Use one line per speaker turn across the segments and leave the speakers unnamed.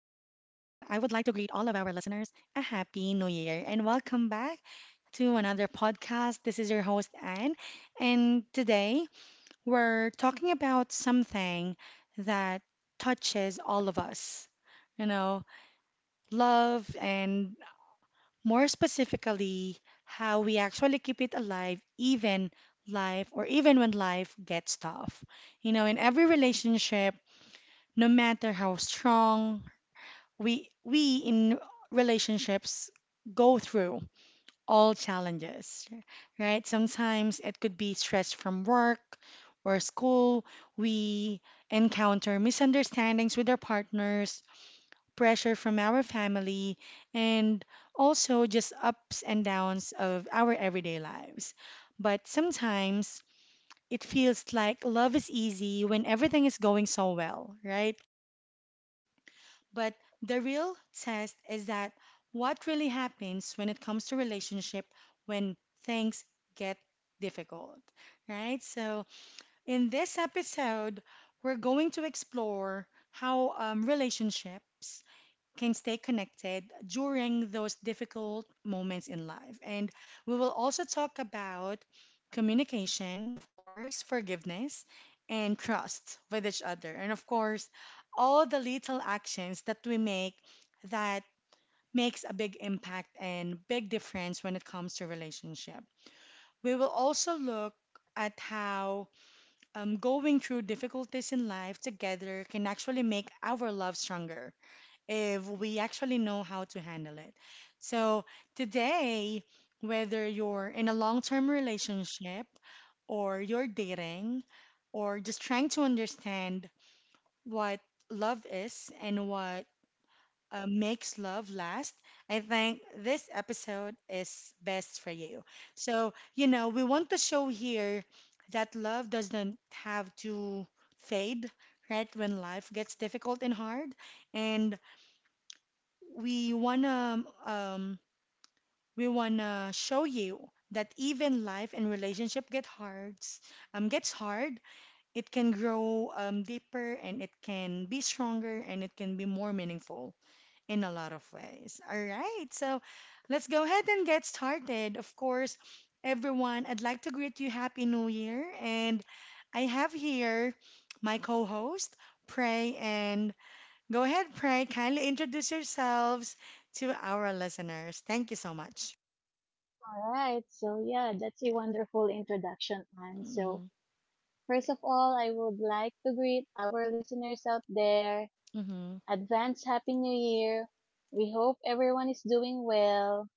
like to greet all of our listeners a happy new year and welcome back to another podcast. This is your host, Anne, and today we're talking about something that touches all of us you know, love, and more specifically, how we actually keep it alive, even when life gets tough. You know, in every relationship, no matter how strong we in relationships go through all challenges, right? Sometimes it could be stress from work or school. We encounter misunderstandings with our partners, pressure from our family, and also just ups and downs of our everyday lives. But sometimes it feels like love is easy when everything is going so well, right? But the real test is that what really happens when it comes to relationship when things get difficult, right? So in this episode, we're going to explore how relationships can stay connected during those difficult moments in life. And we will also talk about communication, of course, forgiveness, and trust with each other. And of course, all the little actions that we make that makes a big impact and big difference when it comes to relationship. We will also look at how going through difficulties in life together can actually make our love stronger if we actually know how to handle it. So today, whether you're in a long-term relationship or you're dating or just trying to understand what love is and what makes love last, I think this episode is best for you. So, you know, we want to show here that love doesn't have to fade, right, when life gets difficult and hard. And we wanna um, we wanna show you that even life and relationship gets hard, it can grow deeper and it can be stronger and it can be more meaningful in a lot of ways. All right, so let's go ahead and get started. Of course, everyone, I'd like to greet you happy new year. And I have here my co-host, Pray. And go ahead, Pride. Kindly introduce yourselves to our listeners. Thank you so much.
All right, so yeah, that's a wonderful introduction, Anne. So,
Mm-hmm.
first of all, I would like to greet our listeners out there.
Mm-hmm.
Advance Happy New Year. We hope everyone is doing well.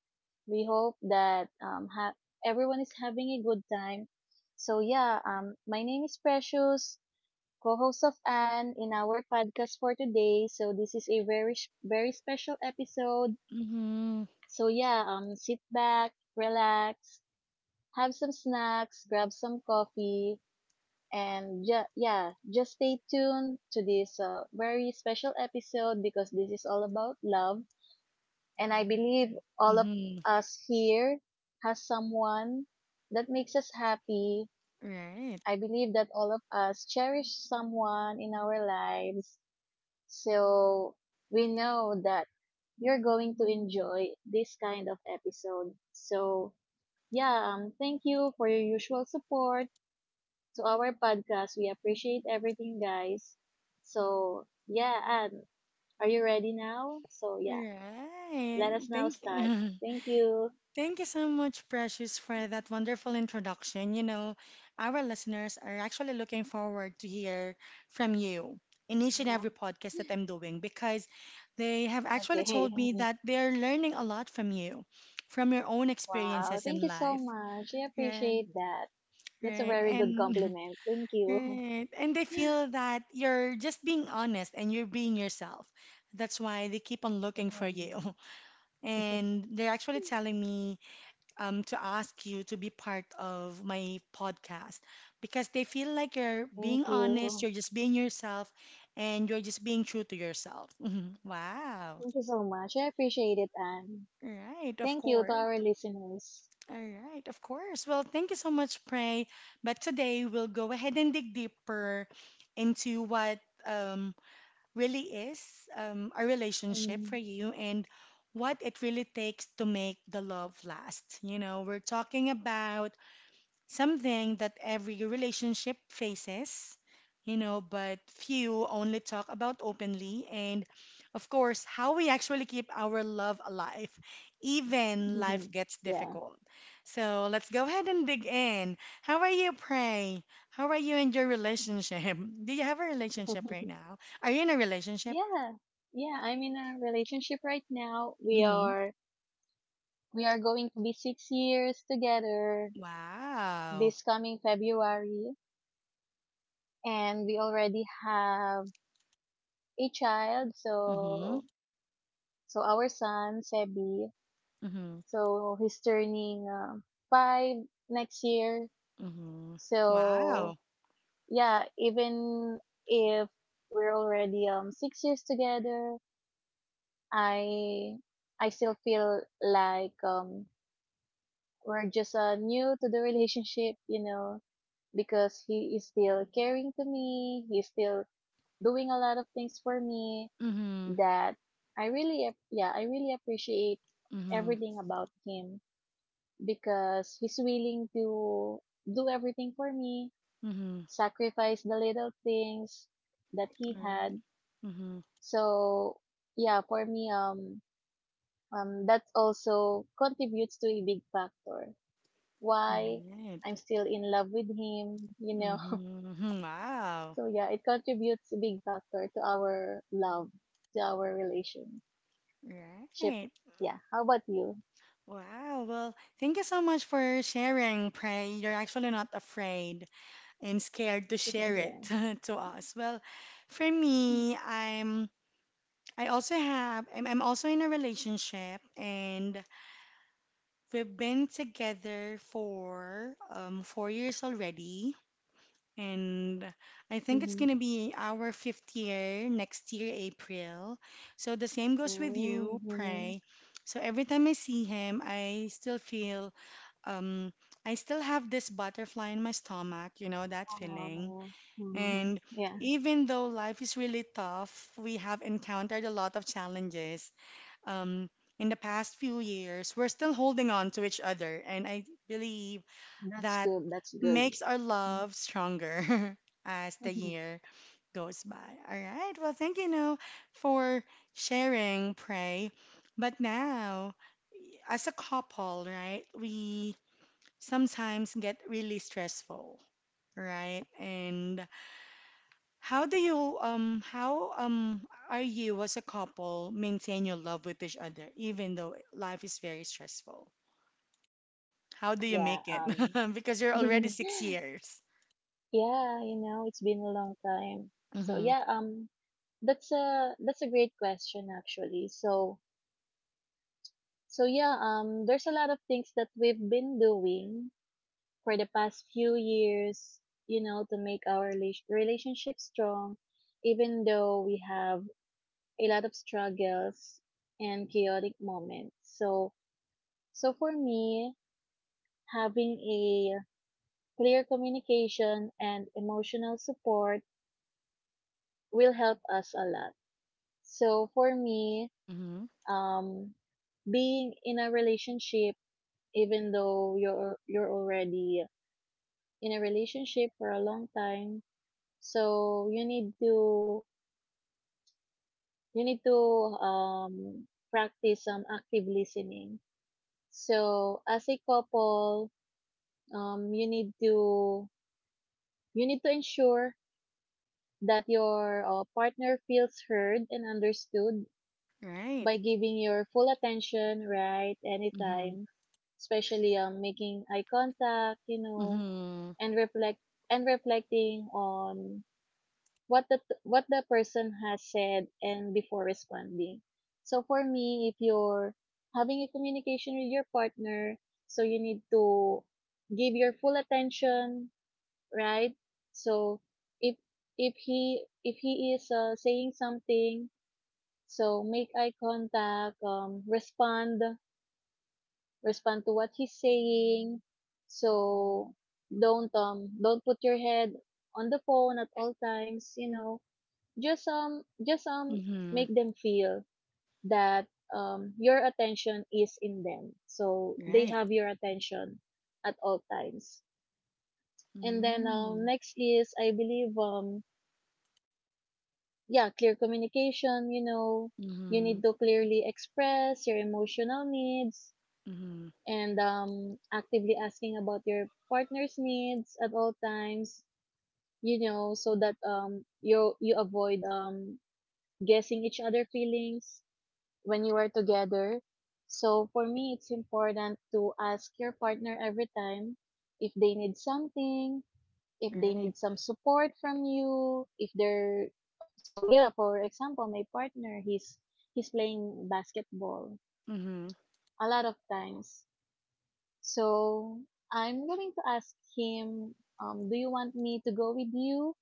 We hope that everyone is having a good time. So, yeah, my name is Precious, co host of Anne in our podcast for today. So, this is a very special episode.
Mm-hmm.
So, yeah, sit back, relax, have some snacks, grab some coffee, and yeah, just stay tuned to this very special episode because this is all about love. And I believe all of
Mm-hmm.
us here has someone that makes us happy.
Right.
I believe that all of us cherish someone in our lives. So we know that you're going to enjoy this kind of episode. So yeah, thank you for your usual support to our podcast. We appreciate everything, guys. So, yeah, and are you ready now? So, yeah, let
Right.
us now
Thank
start.
you.
Thank you.
Thank you so much, Precious, for that wonderful introduction. You know, our listeners are actually looking forward to hear from you in each and
Yeah.
every podcast that I'm doing because they have actually
Okay.
told me that they're learning a lot from you, from your own
Wow.
experiences
Thank
in
you so
life.
much. I
Yes.
appreciate that. That's a
Right.
very good
And
compliment. Thank you.
right. And they feel that you're just being honest and you're being yourself. That's why they keep on looking
Yeah.
for you. And they're actually telling me to ask you to be part of my podcast because they feel like you're
Thank
being honest,
you.
you're just being yourself, and you're just being true to yourself. Wow.
Thank you so much. I appreciate it, Anne.
Right, of
Thank you to
course.
our listeners.
All right, of course. Well, thank you so much, Pray. But today we'll go ahead and dig deeper into what um, really is a relationship for
Mm.
you and what it really takes to make the love last. You know, we're talking about something that every relationship faces, you know, but few only talk about openly, and of course, how we actually keep our love alive, even life gets
Yeah.
difficult. So let's go ahead and dig in. How are you, Pray? How are you in your relationship? Do you have a relationship right now? Are you in a relationship?
Yeah. Yeah, I'm in a relationship right now. We
Mm-hmm.
are we are going to be 6 years together
Wow.
this coming February, and we already have a child.
Mm-hmm.
So so our son Sebi,
Mm-hmm.
so he's turning 5 next year.
Mm-hmm.
So
Wow.
yeah, even if we're already 6 years together, I I still feel like we're just new to the relationship, you know, because he is still caring to me. He's still doing a lot of things for me
Mm-hmm.
that I yeah, I really appreciate
Mm-hmm.
everything about him because he's willing to do everything for me,
Mm-hmm.
sacrifice the little things that he had.
Mm-hmm.
So, yeah, for me, that also contributes to a big factor why
Right.
I'm still in love with him, you know.
Mm-hmm. Wow.
So yeah, it contributes a big factor to our love, to our relationship.
Right.
Yeah. How about you?
Wow. Well, thank you so much for sharing, Pray. You're actually not afraid and scared to share it
Yeah.
to us. Well, for me, I'm I also have I'm also in a relationship and we've been together for 4 years already. And I think it's
Mm-hmm.
going to be our fifth year next year, April. So the same goes with you,
Mm-hmm.
Pray. So every time I see him, um, I still have this butterfly in my stomach, you know, that feeling.
Wow. Hmm.
And
Yeah,
even though life is really tough, we have encountered a lot of challenges. Um, in the past few years, we're still holding on to each other. And I believe
that's
that
good. That's good.
makes our
Mm.
love stronger as the year goes by. All right. Well, thank you, No, for sharing, Pray. But now, as a couple, right, we sometimes get really stressful, right? And how are you as a couple maintain your love with each other, even though life is very stressful? How do you
Yeah.
make it? Because you're already 6 years.
Yeah. You know, it's been a long time. So
Mm-hmm.
yeah. That's a great question actually. So yeah, there's a lot of things that we've been doing for the past few years, you know, to make our relationship strong, even though we have a lot of struggles and chaotic moments. So, so for me, having a clear communication and emotional support will help us a lot. So for me,
Mm-hmm.
um, being in a relationship, even though you're already in a relationship for a long time, so you need to um practice some active listening. So as a couple, um you need to you need to ensure that your partner feels heard and understood
Right.
by giving your full attention, right,
Mm-hmm.
anytime, especially making eye contact, you know,
Mm-hmm.
and reflecting on what the what the person has said and before responding. So for me, if you're having a communication with your partner, so you need to give your full attention, right? So if if he is saying something, so make eye contact, um, respond to what he's saying. So don't put your head on the phone at all times, you know, just
Mm-hmm.
make them feel that your attention is in them, so they
Right.
have your attention at all times. And then
Mm-hmm.
next is I believe yeah, clear communication, you know, you
Mm-hmm.
need to clearly express your emotional needs
Mm-hmm.
and actively asking about your partner's needs at all times, you know, so that you avoid guessing each other feelings when you are together. So for me, it's important to ask your partner every time if they need something, if they
Right.
need some support from you, if they're so yeah, for example, my partner he's playing basketball
Mm-hmm.
a lot of times. So I'm going to ask him, do you want me to go with you?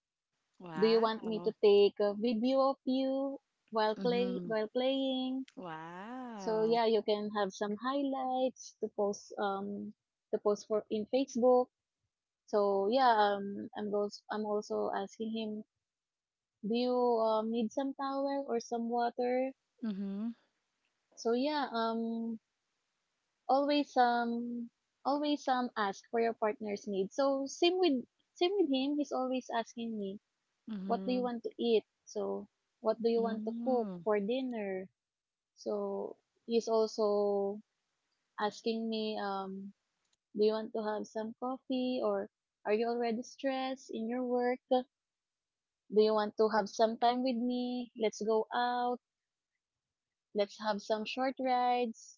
Do you want me to
Wow.
take a video of you while
Mm-hmm.
playing? So
Wow.
yeah, you can have some highlights to post for in Facebook. So yeah, I'm also asking him, do you need some towel or some water?
Mm-hmm.
So yeah, always always ask for your partner's needs. So same with him, he's always asking me, what do you
Mm-hmm.
want to eat? So what do you want to cook
Mm-hmm.
for dinner? So he's also asking me do you want to have some coffee, or are you already stressed in your work? Do you want to have some time with me? Let's go out. Let's have some short rides,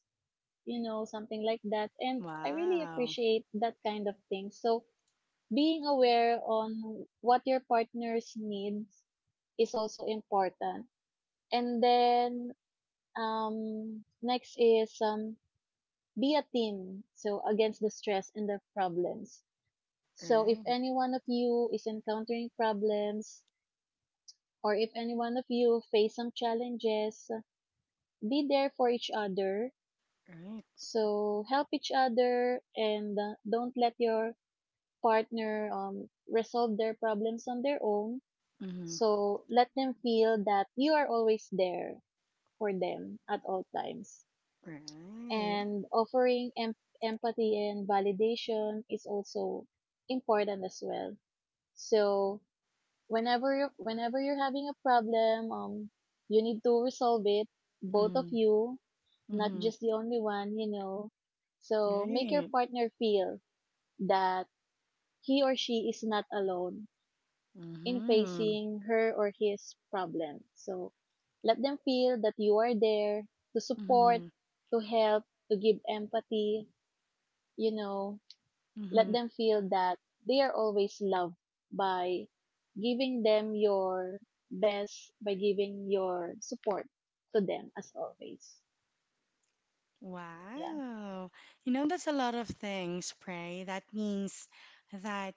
you know, something like that. And I really
Wow.
appreciate that kind of thing. So being aware on what your partner's needs is also important. And then next is be a team so against the stress and the problems. So if
Right.
any one of you is encountering problems, or if any one of you face some challenges, be there for each other.
Right.
So help each other, and don't let your partner resolve their problems on their own.
Mm-hmm.
So let them feel that you are always there for them at all times.
Right.
And offering empathy and validation is also important as well. So whenever you're having a problem, you need to resolve it, both of
Mm-hmm.
you, not
Mm-hmm.
just the only one, you know. So make your
Right.
partner feel that he or she is not alone in
Mm-hmm.
facing her or his problem. So let them feel that you are there to support,
Mm-hmm.
to help, to give empathy, you know,
Mm-hmm.
let them feel that they are always loved by giving them your best, by giving your support to them as always. Yeah.
Wow. You know, that's a lot of things, Pray. That means that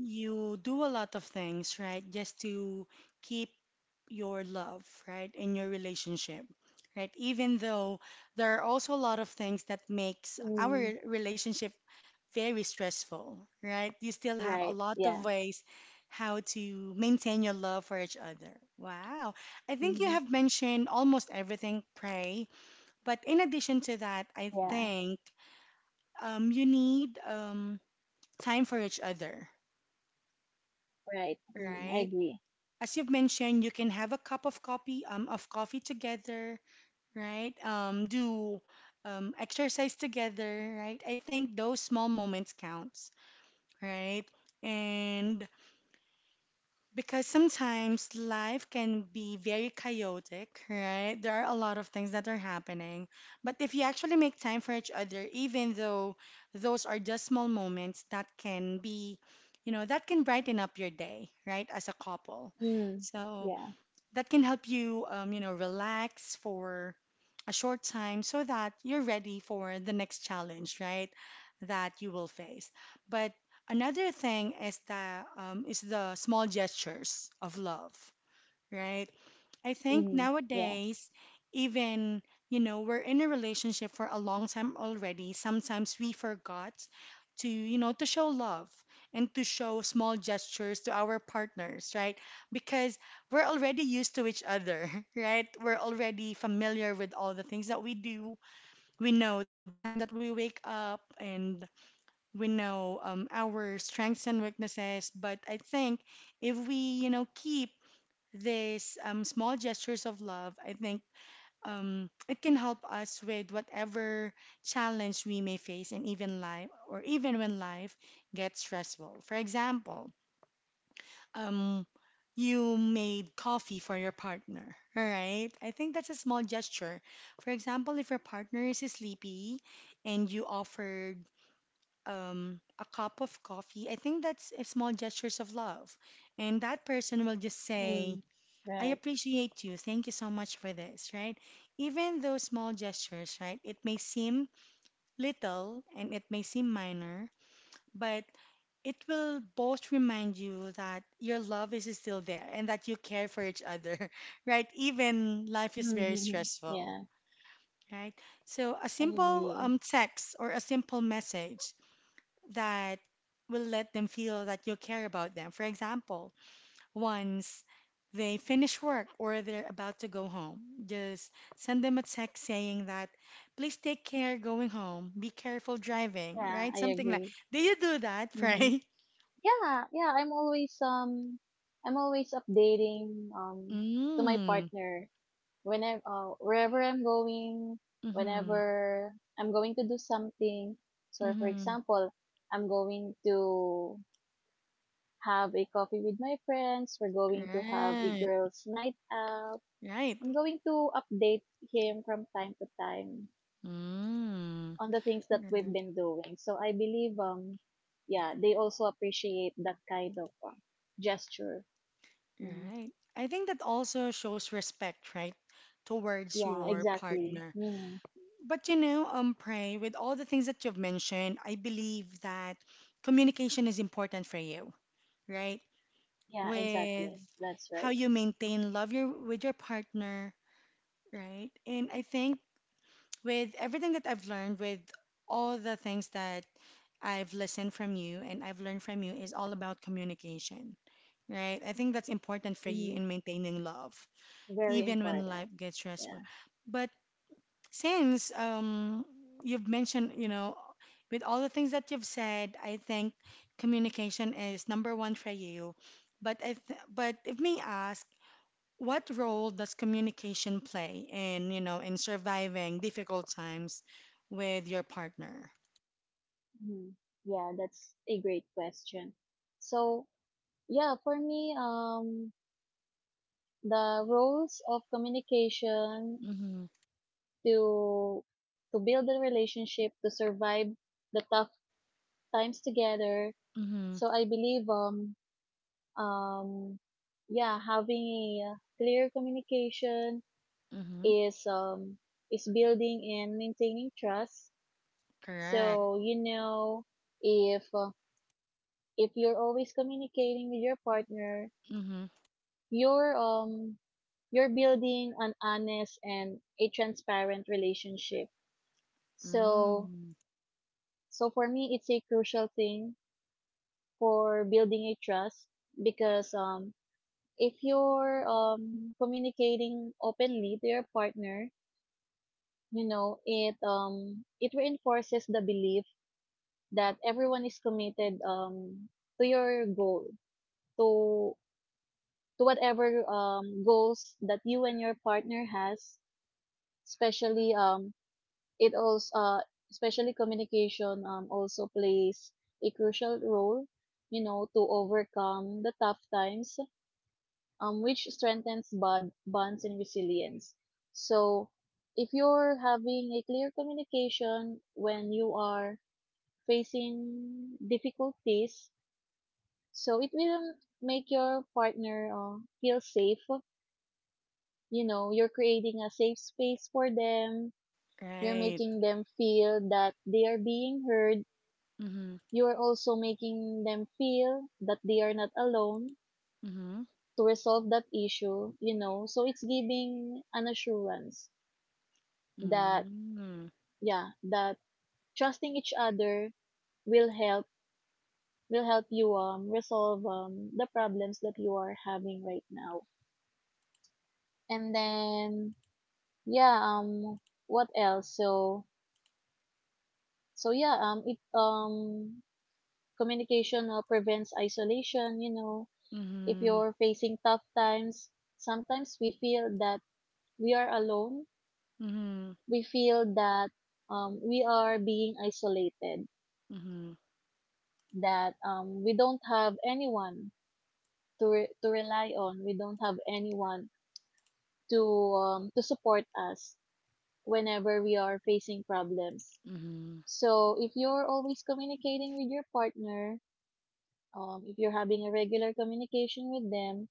You do a lot of things, right? Just to keep your love, right? In your relationship, right? Even though there are also a lot of things that makes
Mm,
our relationship very stressful, right? You still have a
right.
lot
Yeah.
of ways how to maintain your love for each other. Wow. I think you
Hmm.
have mentioned almost everything, Pray. But in addition to that, I
Yeah.
think you need time for each other,
Right. Mm, I
right?
agree.
As you've mentioned, you can have a cup of coffee together, right? Do exercise together, right? I think those small moments counts, right? And because sometimes life can be very chaotic, right? There are a lot of things that are happening. But if you actually make time for each other, even though those are just small moments that can be, you know, that can brighten up your day, right? As a couple.
Mm,
So,
yeah.
that can help you, relax for a short time so that you're ready for the next challenge, right? That you will face. But another thing is the small gestures of love, right? I think
Mm, yeah.
nowadays, even, you know, we're in a relationship for a long time already. Sometimes we forgot to, you know, to show love and to show small gestures to our partners, right? Because we're already used to each other, right? We're already familiar with all the things that we do. We know the time that we wake up and we know our strengths and weaknesses. But I think if we, you know, keep these small gestures of love, I think it can help us with whatever challenge we may face and even life or even when life gets stressful. For example, um, you made coffee for your partner, all right? I think that's a small gesture. For example, if your partner is sleepy and you offered a cup of coffee, I think that's a small gestures of love. And that person will just say,
Mm,
I
right.
appreciate you. Thank you so much for this, right? Even those small gestures, right? It may seem little and it may seem minor, but it will both remind you that your love is still there and that you care for each other, right? Even life is very
Mm-hmm.
stressful,
Yeah.
right? So a
I
simple
agree.
text or a simple message that will let them feel that you care about them. For example, once they finish work or they're about to go home, just send them a text saying that, please take care going home, be careful driving,
Yeah,
right?
I
Something like,
agree.
do you do that,
Hmm.
Pray?
Yeah. Yeah. I'm always updating, to my
Mm,
partner when I'm wherever I'm going,
mm-hmm,
whenever I'm going to do something. So for
mm-hmm.
example, I'm going to have a coffee with my friends. We're going to have a
Right,
girls' night out.
right.
I'm going to update him from time to time
Mm,
on the things that we've
r-
been doing. So I believe, yeah, they also appreciate that kind of gesture. Mhm.
right. I think that also shows respect, right, towards
Yeah,
your
exactly.
partner.
Mhm.
But you know, Pray, with all the things that you've mentioned, I believe that communication is important for you, right?
Yeah,
With
exactly. That's
how
right.
you maintain love your with your partner, right? And I think with everything that I've learned, with all the things that I've listened from you and I've learned from you is all about communication, right? I think that's important for you
Mm-hmm.
in maintaining love,
Very
even when
important.
life gets stressful.
Yeah.
But since you've mentioned, you know, with all the things that you've said, I think communication is number one for you. But if me ask, what role does communication play in, you know, in surviving difficult times with your partner?
Mhm. Yeah, that's a great question. So, yeah, for me, the roles of communication
Mm-hmm.
to to build a relationship, to survive the tough times together.
Mm-hmm.
So I believe, um, yeah, having a clear communication
Mm-hmm.
is um is building and maintaining trust.
Correct.
So you know if uh, if you're always communicating with your partner,
Mm-hmm.
you're um you're building an honest and a transparent relationship. So
Mm.
so for me it's a crucial thing for building a trust because if you're communicating openly to your partner, you know, it reinforces the belief that everyone is committed to your goal to to whatever goals that you and your partner has, especially it also especially communication also plays a crucial role, you know, to overcome the tough times, which strengthens bonds and resilience. So if you're having a clear communication when you are facing difficulties, so it will make your partner feel safe, you know, you're creating a safe space for them. You're
Right.
making them feel that they are being heard.
Mm-hmm.
You're also making them feel that they are not alone
Mm-hmm.
to resolve that issue, you know. So it's giving an assurance that,
Mm.
yeah, that trusting each other will help will help you resolve the problems that you are having right now. And then yeah, what else? So so yeah, it communication prevents isolation, you know, if
Mm-hmm.
you're facing tough times, sometimes we feel that we are alone,
Mm-hmm.
we feel that we are being isolated,
Mm-hmm.
that we don't have anyone to to rely on, we don't have anyone to to support us whenever we are facing problems.
Mm-hmm.
So if you're always communicating with your partner, if you're having a regular communication with them,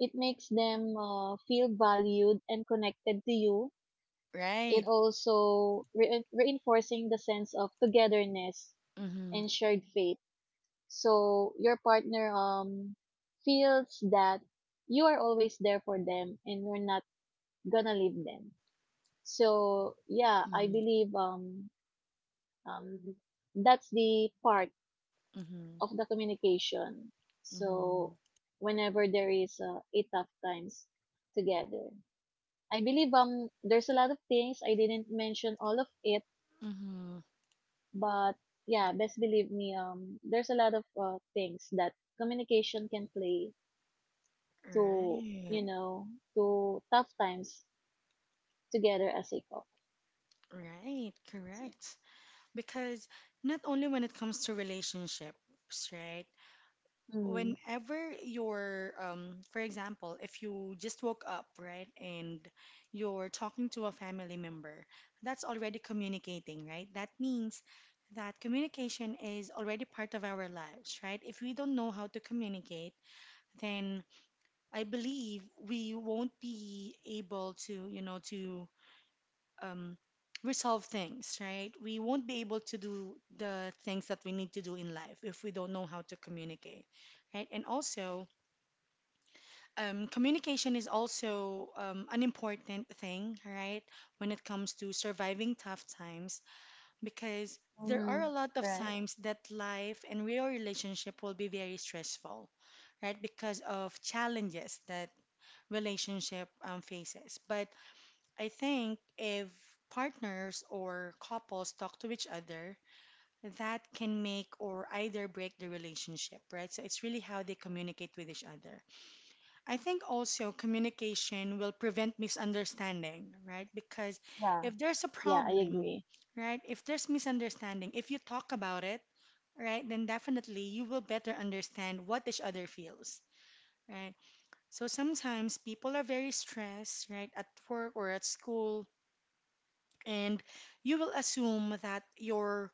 it makes them feel valued and connected to you. It
Right.
also reinforcing the sense of togetherness
Mm-hmm.
and shared faith. So your partner feels that you are always there for them and you're not gonna leave them. So yeah, I
Mm-hmm.
believe um that's the part
Mm-hmm.
of the communication.
Mm-hmm.
So whenever there is a tough times together. I believe there's a lot of things I didn't mention all of it,
Mm-hmm.
but yeah, best believe me there's a lot of things that communication can play to
Right.
you know to tough times together as a couple.
Right. Correct. Because not only when it comes to relationships, right?
Mm.
Whenever you're, for example, if you just woke up, right, and you're talking to a family member, that's already communicating, right? That means that communication is already part of our lives, right? If we don't know how to communicate, then I believe we won't be able to, you know, to um, resolve things, right? We won't be able to do the things that we need to do in life if we don't know how to communicate, right? And also, communication is also an important thing, right? When it comes to surviving tough times, because there
Mm-hmm.
are a lot of
Right.
times that life and real relationship will be very stressful, right? Because of challenges that relationship faces. But I think if partners or couples talk to each other, that can make or either break the relationship, right? So it's really how they communicate with each other. I think also communication will prevent misunderstanding, right? Because
Yeah.
if there's a
Yeah, I
problem,
agree.
right? If there's misunderstanding, if you talk about it, right, then definitely you will better understand what each other feels, right? So sometimes people are very stressed, right, at work or at school, and you will assume that your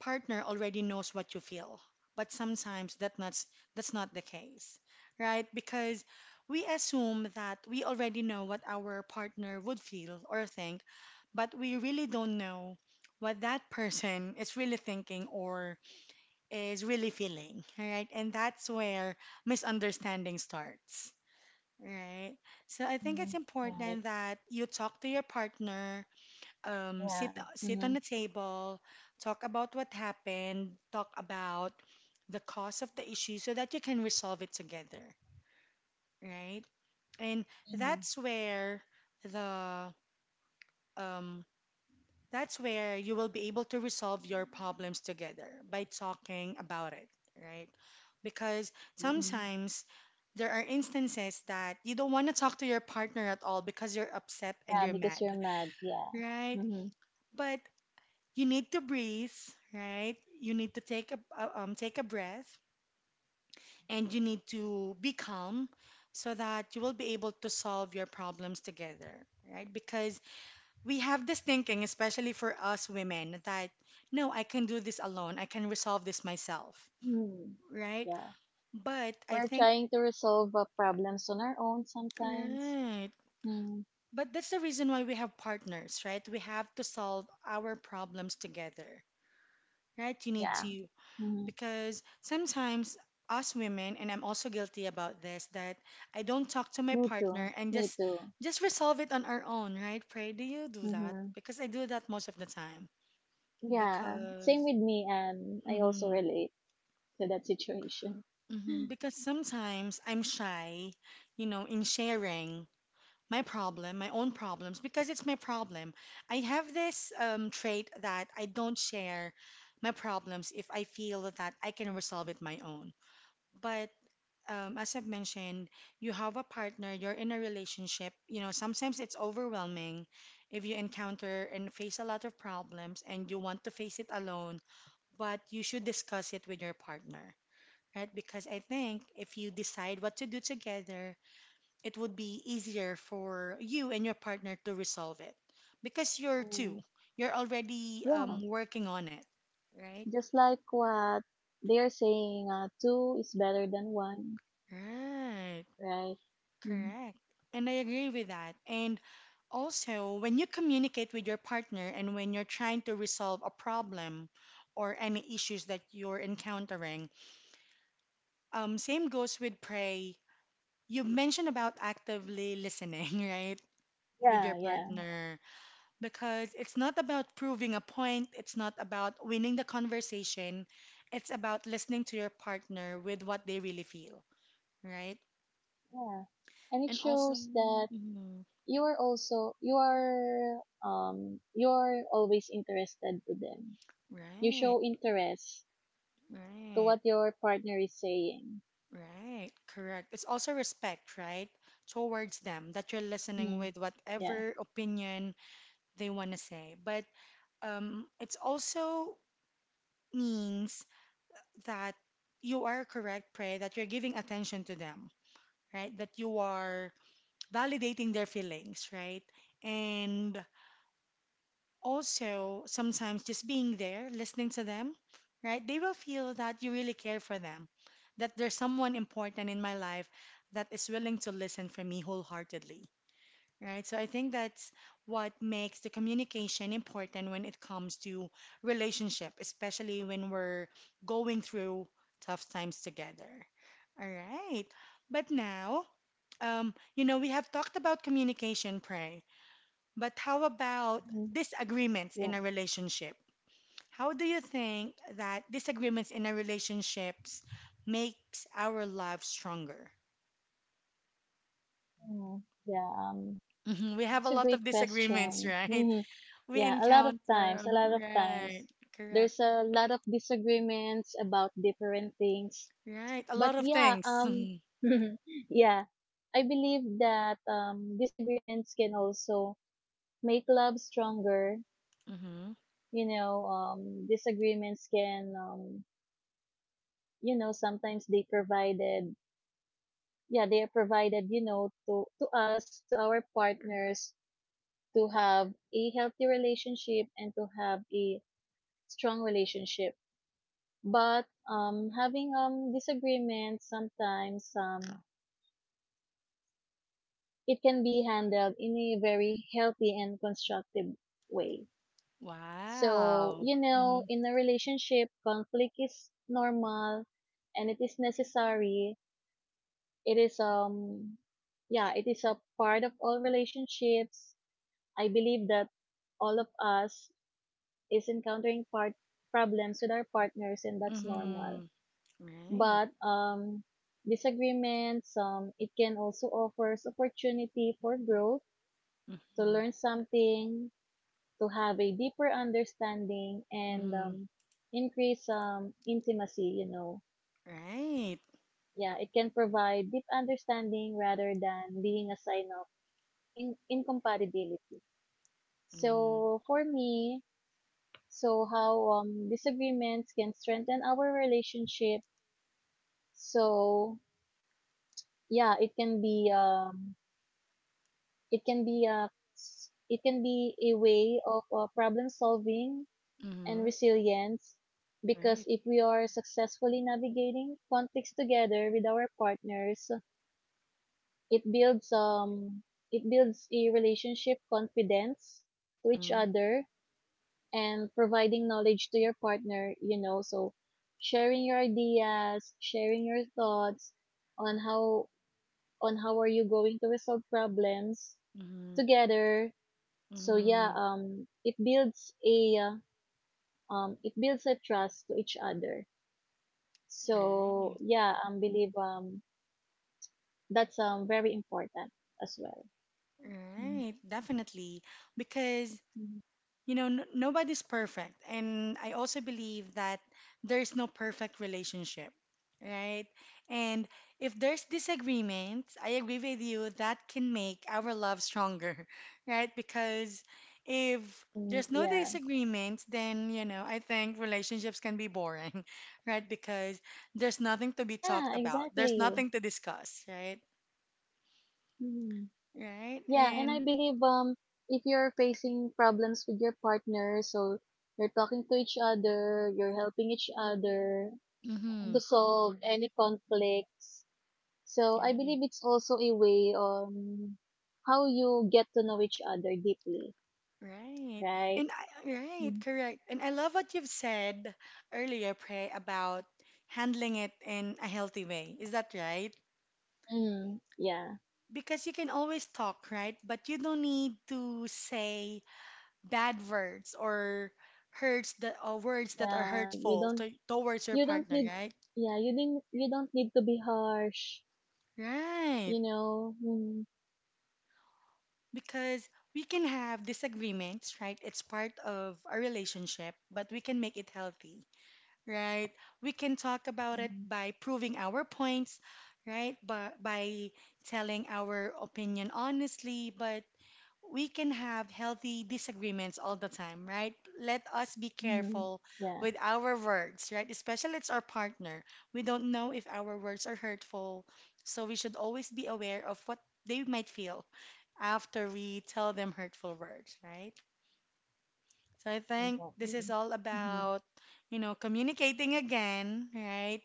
partner already knows what you feel. But sometimes that's not the case, right? Because we assume that we already know what our partner would feel or think, but we really don't know what that person is really thinking or is really feeling, all right? And that's where misunderstanding starts. Right. So I think
Mm-hmm.
it's
Right.
important that you talk to your partner, sit
Yeah.
sit on
Mm-hmm.
the table, talk about what happened, talk about the cause of the issue so that you can resolve it together, right? And
Mm-hmm.
that's where the um, that's where you will be able to resolve your problems together by talking about it, right? Because
Mm-hmm.
sometimes there are instances that you don't want to talk to your partner at all because you're upset and
Yeah,
you're
because you're
mad,
mad. Yeah.
right?
Mm-hmm.
But you need to breathe, right? You need to take a breath and you need to be calm so that you will be able to solve your problems together, right? Because we have this thinking, especially for us women, that no, I can do this alone. I can resolve this myself,
Mm-hmm.
right?
Yeah.
But I
We're
think,
trying to resolve problems on our own sometimes.
right.
Mm,
But that's the reason why we have partners, right? We have to solve our problems together, right? You need
yeah.
to,
Mhm.
because sometimes us women, and I'm also guilty about this, that I don't talk to my
Me too.
partner and
Me
just
too.
just resolve it on our own, right? Pray, do you do that?
Hmm.
Because I do that most of the time.
Yeah.
Because,
Same with me. I also
mm-hmm.
relate to that situation.
Mhm. Because sometimes I'm shy, you know, in sharing my problem, my own problems, because it's my problem. I have this trait that I don't share my problems if I feel that I can resolve it my own. But as I've mentioned, you have a partner, you're in a relationship. You know, sometimes it's overwhelming if you encounter and face a lot of problems and you want to face it alone, but you should discuss it with your partner, right? Because I think if you decide what to do together, it would be easier for you and your partner to resolve it because you're two,
Mm.
you're already
Yeah.
working on it, right?
Just like what they are saying, two is better than one,
Right,
right? Mhm.
correct. And I agree with that. And also, when you communicate with your partner and when you're trying to resolve a problem or any issues that you're encountering, same goes with pray. You mentioned about actively listening, right? With your
Yeah, yeah,
partner, because it's not about proving a point, it's not about winning the conversation, it's about listening to your partner with what they really feel, right?
yeah. And it
And also,
shows that
mhm,
you are always interested to them. You
right,
show interest to
right,
what your partner is saying.
right, correct. It's also respect, right, towards them that you're listening
Hmm.
with
Yeah.
whatever opinion they want to say. But it's also means that you are correct, pray, that you're giving attention to them, right? That you are validating their feelings, right? And also, sometimes just being there, listening to them, right? They will feel that you really care for them, that there's someone important in my life that is willing to listen for me wholeheartedly. Right. So I think that's what makes the communication important when it comes to relationship, especially when we're going through tough times together. All right. But now, you know, we have talked about communication, pray, but how about
Mhm.
disagreements in
Yeah.
a relationship? How do you think that disagreements in our relationships makes our lives stronger?
Mhm. Yeah.
Mhm. We have a
That's a
lot
great
of disagreements,
question.
right?
Hmm.
We
Yeah. A lot of
encounter,
times, a
uh-huh,
lot of
right,
times,
correct,
there's a lot of disagreements about different things.
right, a
But
lot of
yeah,
things.
yeah, I believe that disagreements can also make love stronger.
Mm-hmm.
You know, disagreements can, sometimes they provided, yeah, they are provided, to us, to our partners to have a healthy relationship and to have a strong relationship. But having disagreements sometimes it can be handled in a very healthy and constructive way. So
Wow. Mm-hmm.
in a relationship, conflict is normal and it is necessary. It is yeah, it is a part of all relationships. I believe that all of us is encountering part problems with our partners and that's normal.
Mm-hmm. Right.
But disagreements, it can also offers opportunity for growth, to
Mm-hmm.
learn something, to have a deeper understanding and
Mm-hmm.
increase intimacy.
Right.
Yeah, it can provide deep understanding rather than being a sign of incompatibility.
Mm-hmm.
So for me, so how disagreements can strengthen our relationship. So yeah, it can be a s- it can be a way of problem solving and
Mm-hmm.
resilience,
Right.
because if we are successfully navigating conflicts together with our partners, it builds um it builds a relationship confidence to each
Mm-hmm.
other and providing knowledge to your partner, so sharing your ideas, sharing your thoughts on how are you going to resolve problems
Mm-hmm.
together. So
Mm-hmm.
yeah, it builds a trust to each other.
Right.
So yeah, I believe that's very important as well. Mhm.
Right. Definitely. Because
Mhm.
you know, nobody's perfect. And I also believe that there's no perfect relationship, right? And if there's disagreement, I agree with you, that can make our love stronger, right? Because if
Mm,
there's no
yeah,
disagreement, then, you know, I think relationships can be boring, right? Because there's nothing to be
yeah,
talked about, there's
exactly.
nothing to discuss, right?
Mhm.
Right?
Yeah, and I
And,
believe if you're facing problems with your partner, so you're talking to each other, you're helping each other
mm-hmm,
to solve any conflicts. So I
yeah.
believe it's also a way on how you get to know each other deeply,
Right.
right?
And I, right,
Mm.
correct. And I love what you've said earlier, Prey, about handling it in a healthy way. Is that right?
Mm, yeah.
Because you can always talk, right? But you don't need to say bad words or hurts that or words that are
Yeah,
hurtful to, towards your
you don't
partner,
need
right?
you don't need to be harsh,
Right.
you know. Mm.
Because we can have disagreements, right? It's part of a relationship, but we can make it healthy, right? We can talk about it
Mhm.
by proving our points, right? But by telling our opinion honestly, but we can have healthy disagreements all the time, right? Let us be
Mm,
careful
yeah.
with our words, right? Especially it's our partner. We don't know if our words are hurtful, so we should always be aware of what they might feel after we tell them hurtful words, right? So I think
Exactly.
this
Okay.
is all
Mm.
about, you know, communicating again, right?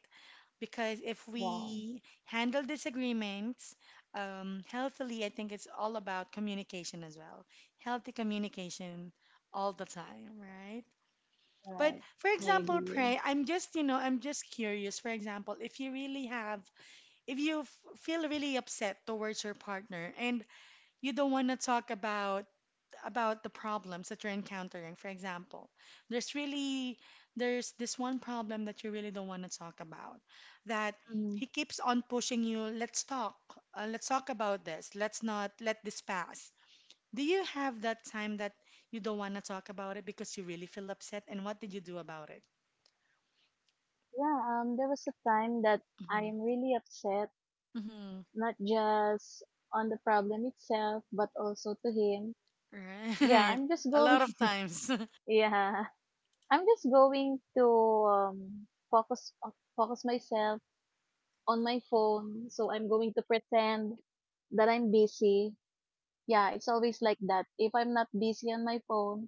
Because if
Yeah.
we handle disagreements healthily, I think it's all about communication as well. Healthy communication all the time, right? But
Right.
for
I
example,
agree.
pray, I'm just, you know, I'm just curious. For example, if you really have, if you feel really upset towards your partner and you don't want to talk about the problems that you're encountering. For example, there's really there's this one problem that you really don't want to talk about. That
Mm,
he keeps on pushing you, let's talk. Let's talk about this. Let's not let this pass. Do you have that time that you don't want to talk about it because you really feel upset? And what did you do about it?
yeah, there was a time that I
Hmm.
am really upset,
Hmm.
not just on the problem itself, but also to him. Yeah,
Right.
I'm just
A
going.
lot of times.
Yeah, I'm just going to um, focus uh, focus myself on my phone. So I'm going to pretend that I'm busy. Yeah, it's always like that. If I'm not busy on my phone,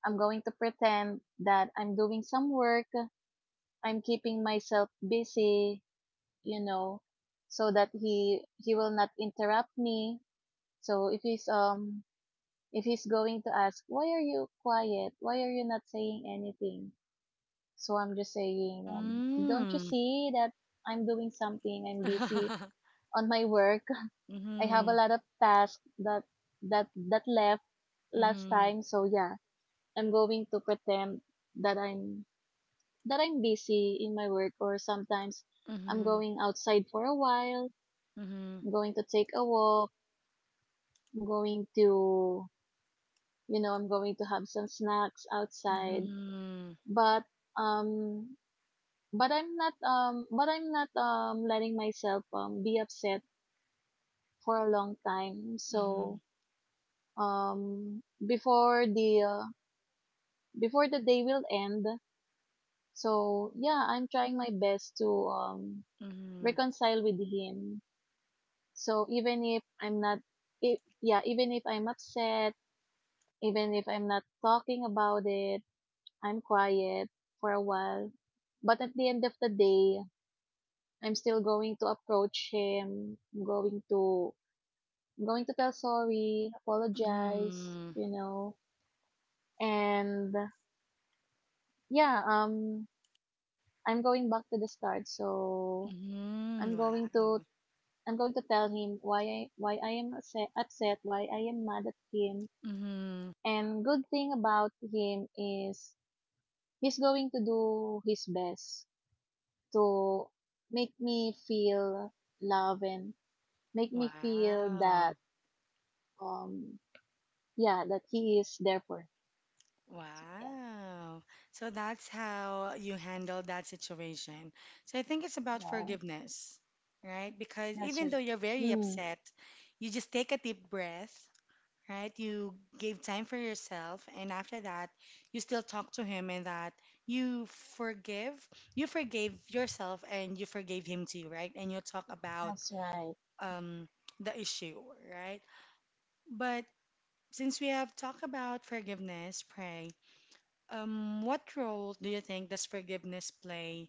I'm going to pretend that I'm doing some work. I'm keeping myself busy, you know, so that he will not interrupt me. So if he's going to ask, why are you quiet? Why are you not saying anything? So I'm just saying, don't you
Mm.
see that I'm doing something? I'm busy on my work. I have a
Mm-hmm.
lot of tasks that left last
Mm-hmm.
time. So yeah, I'm going to pretend that I'm that I'm busy in my work, or sometimes I'm
Mm-hmm.
going outside for a while.
Mm-hmm.
I'm going to take a walk. I'm going to I'm going to have some snacks outside.
Mm-hmm.
But um but I'm not letting myself be upset for a long time. So
Mhm.
um before the uh, before the day will end. So yeah, I'm trying my best to
Mhm.
reconcile with him. So even if I'm upset, even if I'm not talking about it, I'm quiet for a while. But at the end of the day, I'm still going to approach him. I'm going to tell sorry, apologize,
Mhm.
and yeah, I'm going back to the start. So
Mhm.
I'm going to
Wow.
I'm going to tell him why I am upset, why I am mad at him.
Mhm.
And good thing about him is he's going to do his best to make me feel love and make me feel
Wow.
um yeah that he is there for me. Yeah.
Wow. So that's how you handle that situation. So I think it's about
Yeah,
forgiveness, right? Because
that's
even though
right.
you're very
Mm.
upset, you just take a deep breath, right? You gave time for yourself, and after that, you still talk to him and that you forgive, you forgave yourself and you forgave him too, right? And you talk about
That's right.
um, the issue, right? But since we have talked about forgiveness, pray, what role do you think does forgiveness play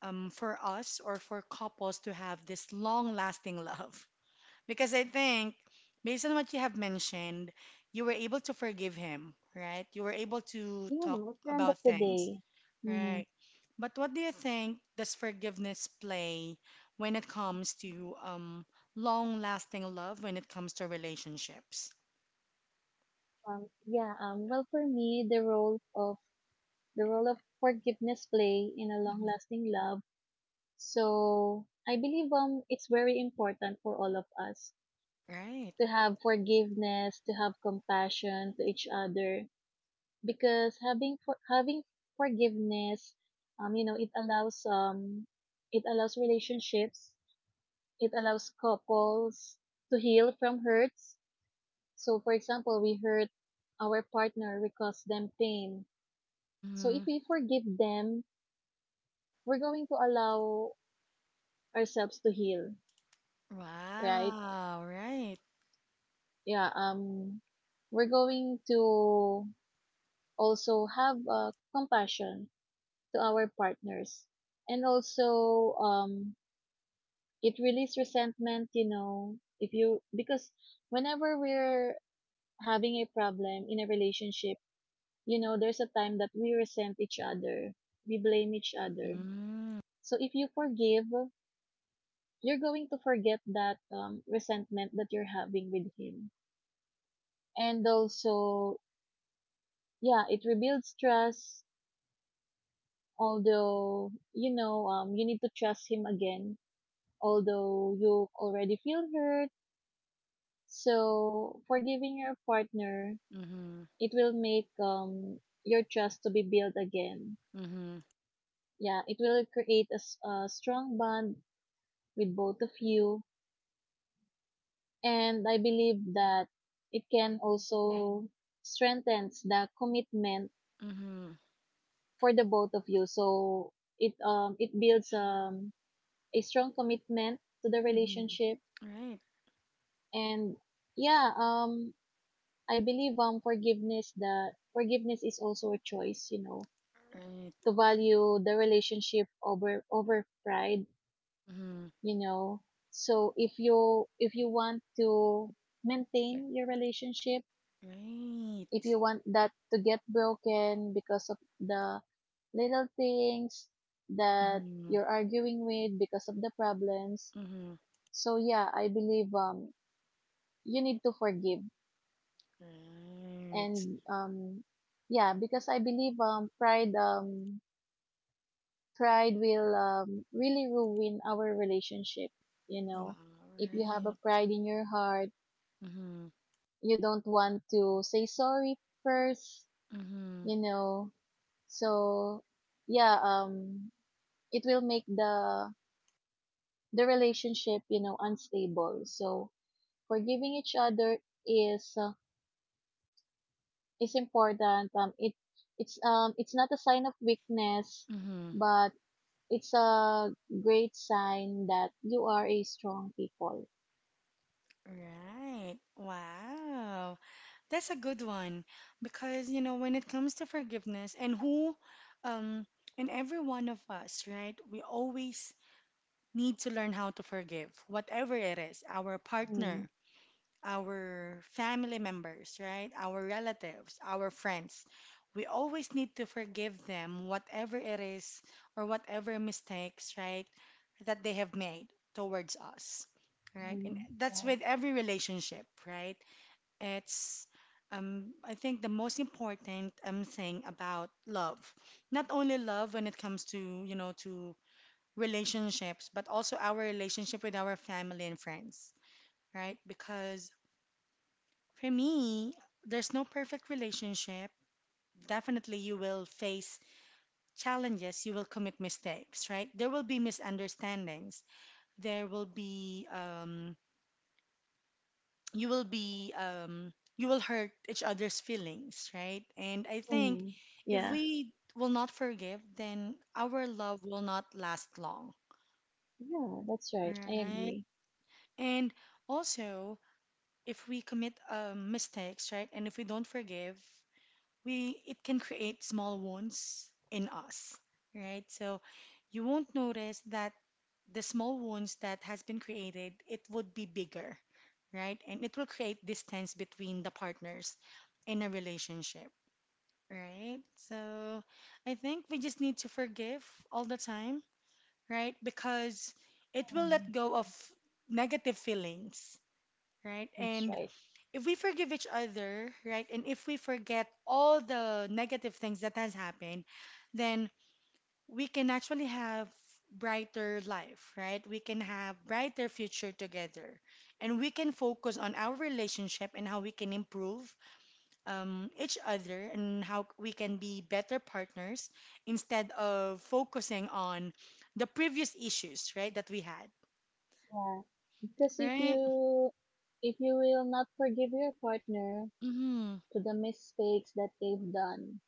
for us or for couples to have this long-lasting love? Because I think, based on what you have mentioned, you were able to forgive him, right? You were able to
You
talk
know, at the end of
about
the
things.
day. Hmm.
Right. But what do you think does forgiveness play when it comes to long-lasting love, when it comes to relationships?
Yeah, well, for me, the role of forgiveness play in a
Mhm.
long-lasting love. So I believe it's very important for all of us
Right.
to have forgiveness, to have compassion to each other, because having forgiveness, it allows relationships, it allows couples to heal from hurts. So, for example, we hurt our partner, we cause them pain. So, if
Mm-hmm.
we forgive them, we're going to allow ourselves to heal, right?
Wow. Right.
Yeah, we're going to also have compassion to our partners. And also, it releases resentment, you know, if you, because whenever we're having a problem in a relationship, there's a time that we resent each other, we blame each other.
Mm.
So if you forgive, you're going to forget that resentment that you're having with him. And also, yeah, it rebuilds trust. Although, you need to trust him again. Although you already feel hurt. So forgiving your partner,
Mm-hmm.
it will make your trust to be built again.
Mm-hmm.
Yeah, it will create a strong bond with both of you, and I believe that it can also strengthens the commitment
Mm-hmm.
for the both of you. So it builds a strong commitment to the
Mm-hmm.
relationship.
Right.
And yeah, I believe forgiveness the forgiveness is also a choice,
Right.
to value the relationship over pride,
Mm-hmm.
you know so if you want to maintain your relationship, if
Right.
you want that to get broken because of the little things that
Mm-hmm.
you're arguing with, because of the problems.
Mm-hmm.
So yeah, I believe you need to forgive.
Right.
And yeah, because I believe pride will really ruin our relationship, you
Wow.
know. If you have a
Right.
pride in your heart,
Mm-hmm.
you don't want to say sorry first,
Mm-hmm.
you know. So yeah, it will make the relationship, unstable. So forgiving each other is uh, is important. It's not a sign of weakness,
Mm-hmm.
but it's a great sign that you are a strong people.
Right. Wow. That's a good one because you know when it comes to forgiveness and who um and every one of us, right? We always need to learn how to forgive whatever it is, our
Mm.
partner, our family members, right? Our relatives, our friends. We always need to forgive them, whatever it is or whatever mistakes, right, that they have made towards us, right? And
Mm,
that's
right.
with every relationship, right? It's, I think, the most important thing about love. Not only love when it comes to, you know, to relationships, but also our relationship with our family and friends, right? Because for me, there's no perfect relationship. Definitely, you will face challenges, you will commit mistakes, right? There will be misunderstandings. There will be, you will be, you will hurt each other's feelings, right? And I think
Mm,
if
yeah,
we will not forgive, then our love will not last long,
yeah, that's right, I
right?
agree.
And also, if we commit mistakes, right? And if we don't forgive, we it can create small wounds in us, right? So you won't notice that the small wounds that has been created, it would be bigger, right? And it will create distance between the partners in a relationship, right? So I think we just need to forgive all the time, right? Because it will
Mm,
let go of negative feelings, right?
that's
And
right.
if we forgive each other, right, and if we forget all the negative things that has happened, then we can actually have brighter life, right? We can have brighter future together. And we can focus on our relationship and how we can improve each other and how we can be better partners instead of focusing on the previous issues, right, that we had.
Yeah. Because if
Right?
you will not forgive your partner
Mm-hmm.
to the mistakes that they've done,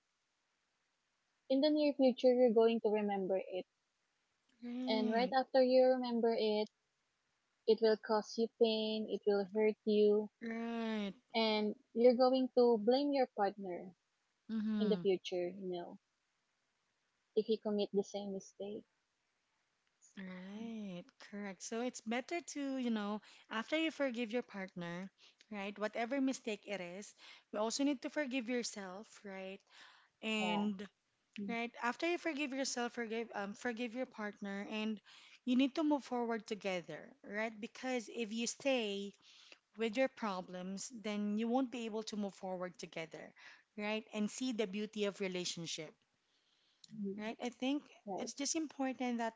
in the near future you're going to remember it. And right
Right.
after you remember it, it will cause you pain, it will hurt you,
Right.
and you're going to blame your partner in the
Mm-hmm.
future, if he commit the same mistakes.
Right, correct. So it's better to, you know, after you forgive your partner, right, whatever mistake it is, you also need to forgive yourself, right?
Yeah.
And right, after you forgive yourself, forgive your partner and you need to move forward together, right? Because if you stay with your problems, then you won't be able to move forward together, right? And see the beauty of relationship,
Mhm.
right? I think
Right.
it's just important that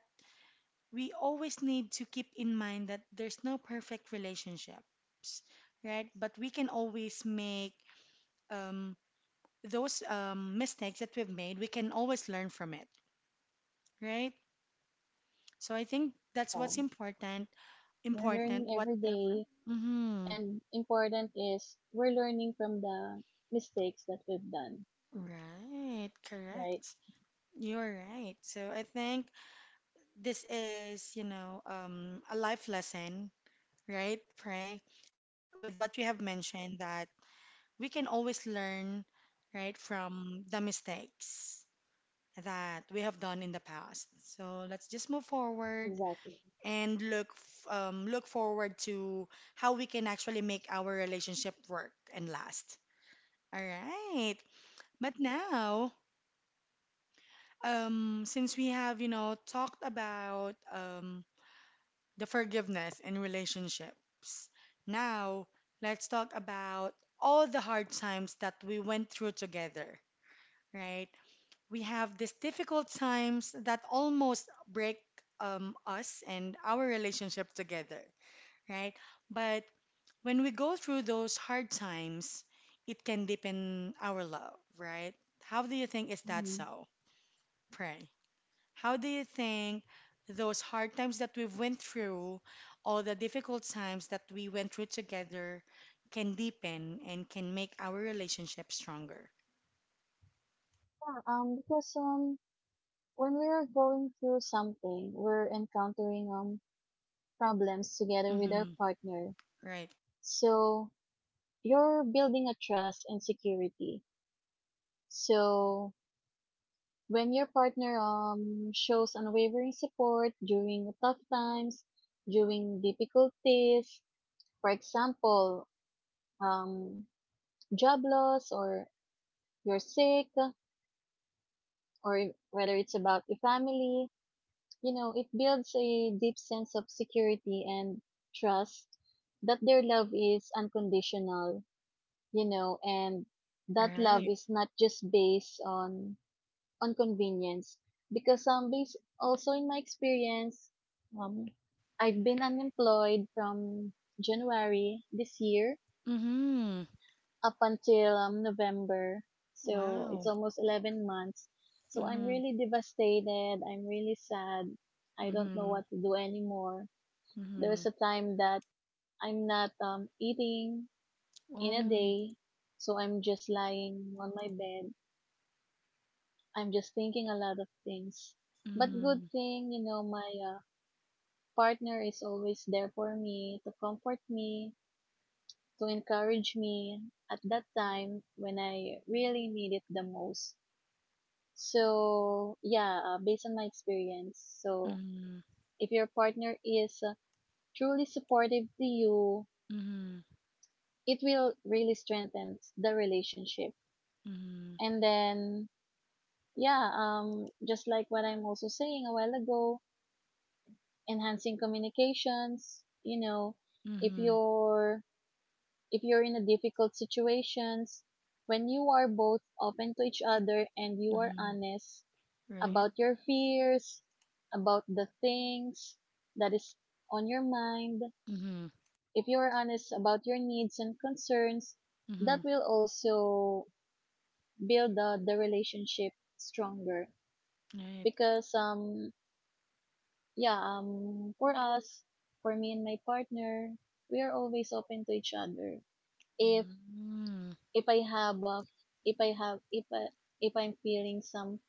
we always need to keep in mind that there's no perfect relationships, right? But we can always make um, those mistakes that we've made, we can always learn from it, right? So I think that's
Yeah.
what's important,
We're
important,
learning every
whatever.
day,
Mm-hmm.
and important is we're learning from the mistakes that we've done,
Right,
right?
correct. You're right. So I think this is, you know, a life lesson, right? Pray, with what you have mentioned that we can always learn, right, from the mistakes that we have done in the past. So let's just move forward
Exactly.
and look forward to how we can actually make our relationship work and last. All right. But now, since we have, you know, talked about the forgiveness in relationships, now let's talk about all the hard times that we went through together, right? We have these difficult times that almost break us and our relationship together, right? But when we go through those hard times, it can deepen our love, right? How do you think is that
Mhm.
so? Pray. How do you think those hard times that we've went through, all the difficult times that we went through together, can deepen and can make our relationship stronger?
Yeah, because when we're going through something, we're encountering problems together with our
Mm-hmm.
partner.
Right.
So you're building a trust and security. So when your partner shows unwavering support during tough times, during difficulties, for example, um job loss, or you're sick, or whether it's about the family, it builds a deep sense of security and trust that their love is unconditional, and that love
Right.
is not just based on convenience. Because some base also, in my experience, um I've been unemployed from January this year
Mm-hmm.
up until November, so it's
Wow.
almost 11 months. So I'm
Mhm.
really devastated, I'm really sad, I don't know
Mhm.
what to do anymore. There's
Mhm.
a time that I'm not eating in a
Oh.
day, so I'm just lying on my bed. I'm just thinking a lot of things. But good
Mhm.
thing, my partner is always there for me to comfort me, to encourage me at that time when I really need it the most. So, yeah, based on my experience, so
Mhm.
if your partner is truly supportive to you,
Mhm.
it will really strengthen the relationship.
Mhm.
And then, yeah, just like what I'm also saying a while ago, enhancing communications, if
Mhm.
you're, if you're in a difficult situations, when you are both open to each other and you are
Mhm.
honest
Right.
about your fears, about the things that is on your mind,
Mhm.
if you are honest about your needs and concerns, that
Mhm.
will also build the relationship stronger
Right.
because yeah, for us, for me and my partner, we are always open to each other. If
Mm.
if I have if I have if I, if I'm feeling some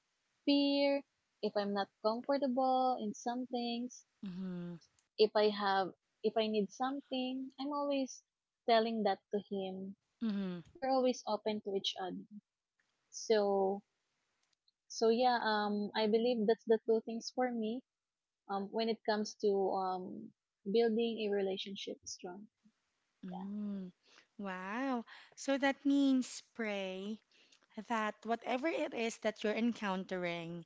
fear, if I'm not comfortable in some things,
Mhm.
if I have if I need something, I'm always telling that to him.
Mhm.
We're always open to each other. So so yeah, I believe that's the two things for me when it comes to building a relationship strong.
Mm. Wow. So that means, pray, that whatever it is that you're encountering,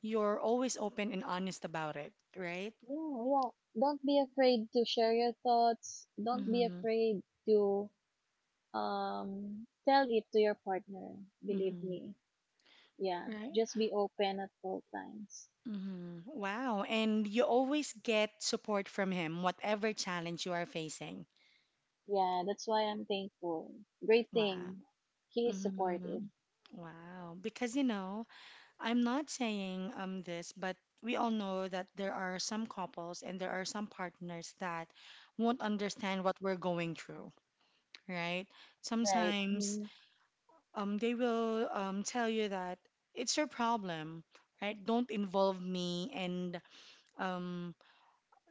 you're always open and honest about it, right?
Yeah, yeah. Don't be afraid to share your thoughts. Don't be
Mhm.
afraid to tell it to your partner. Believe
Mhm.
me. Yeah,
Right.
just be open at all times.
Mhm. Wow. And you always get support from him, whatever challenge you are facing.
Yeah, that's why I'm thankful. Great
Wow.
thing. He is supportive.
Mhm. Wow. Because, you know, I'm not saying this, but we all know that there are some couples and there are some partners that won't understand what we're going through, right?
Right.
Sometimes they will tell you that it's your problem, right? Don't involve me, and um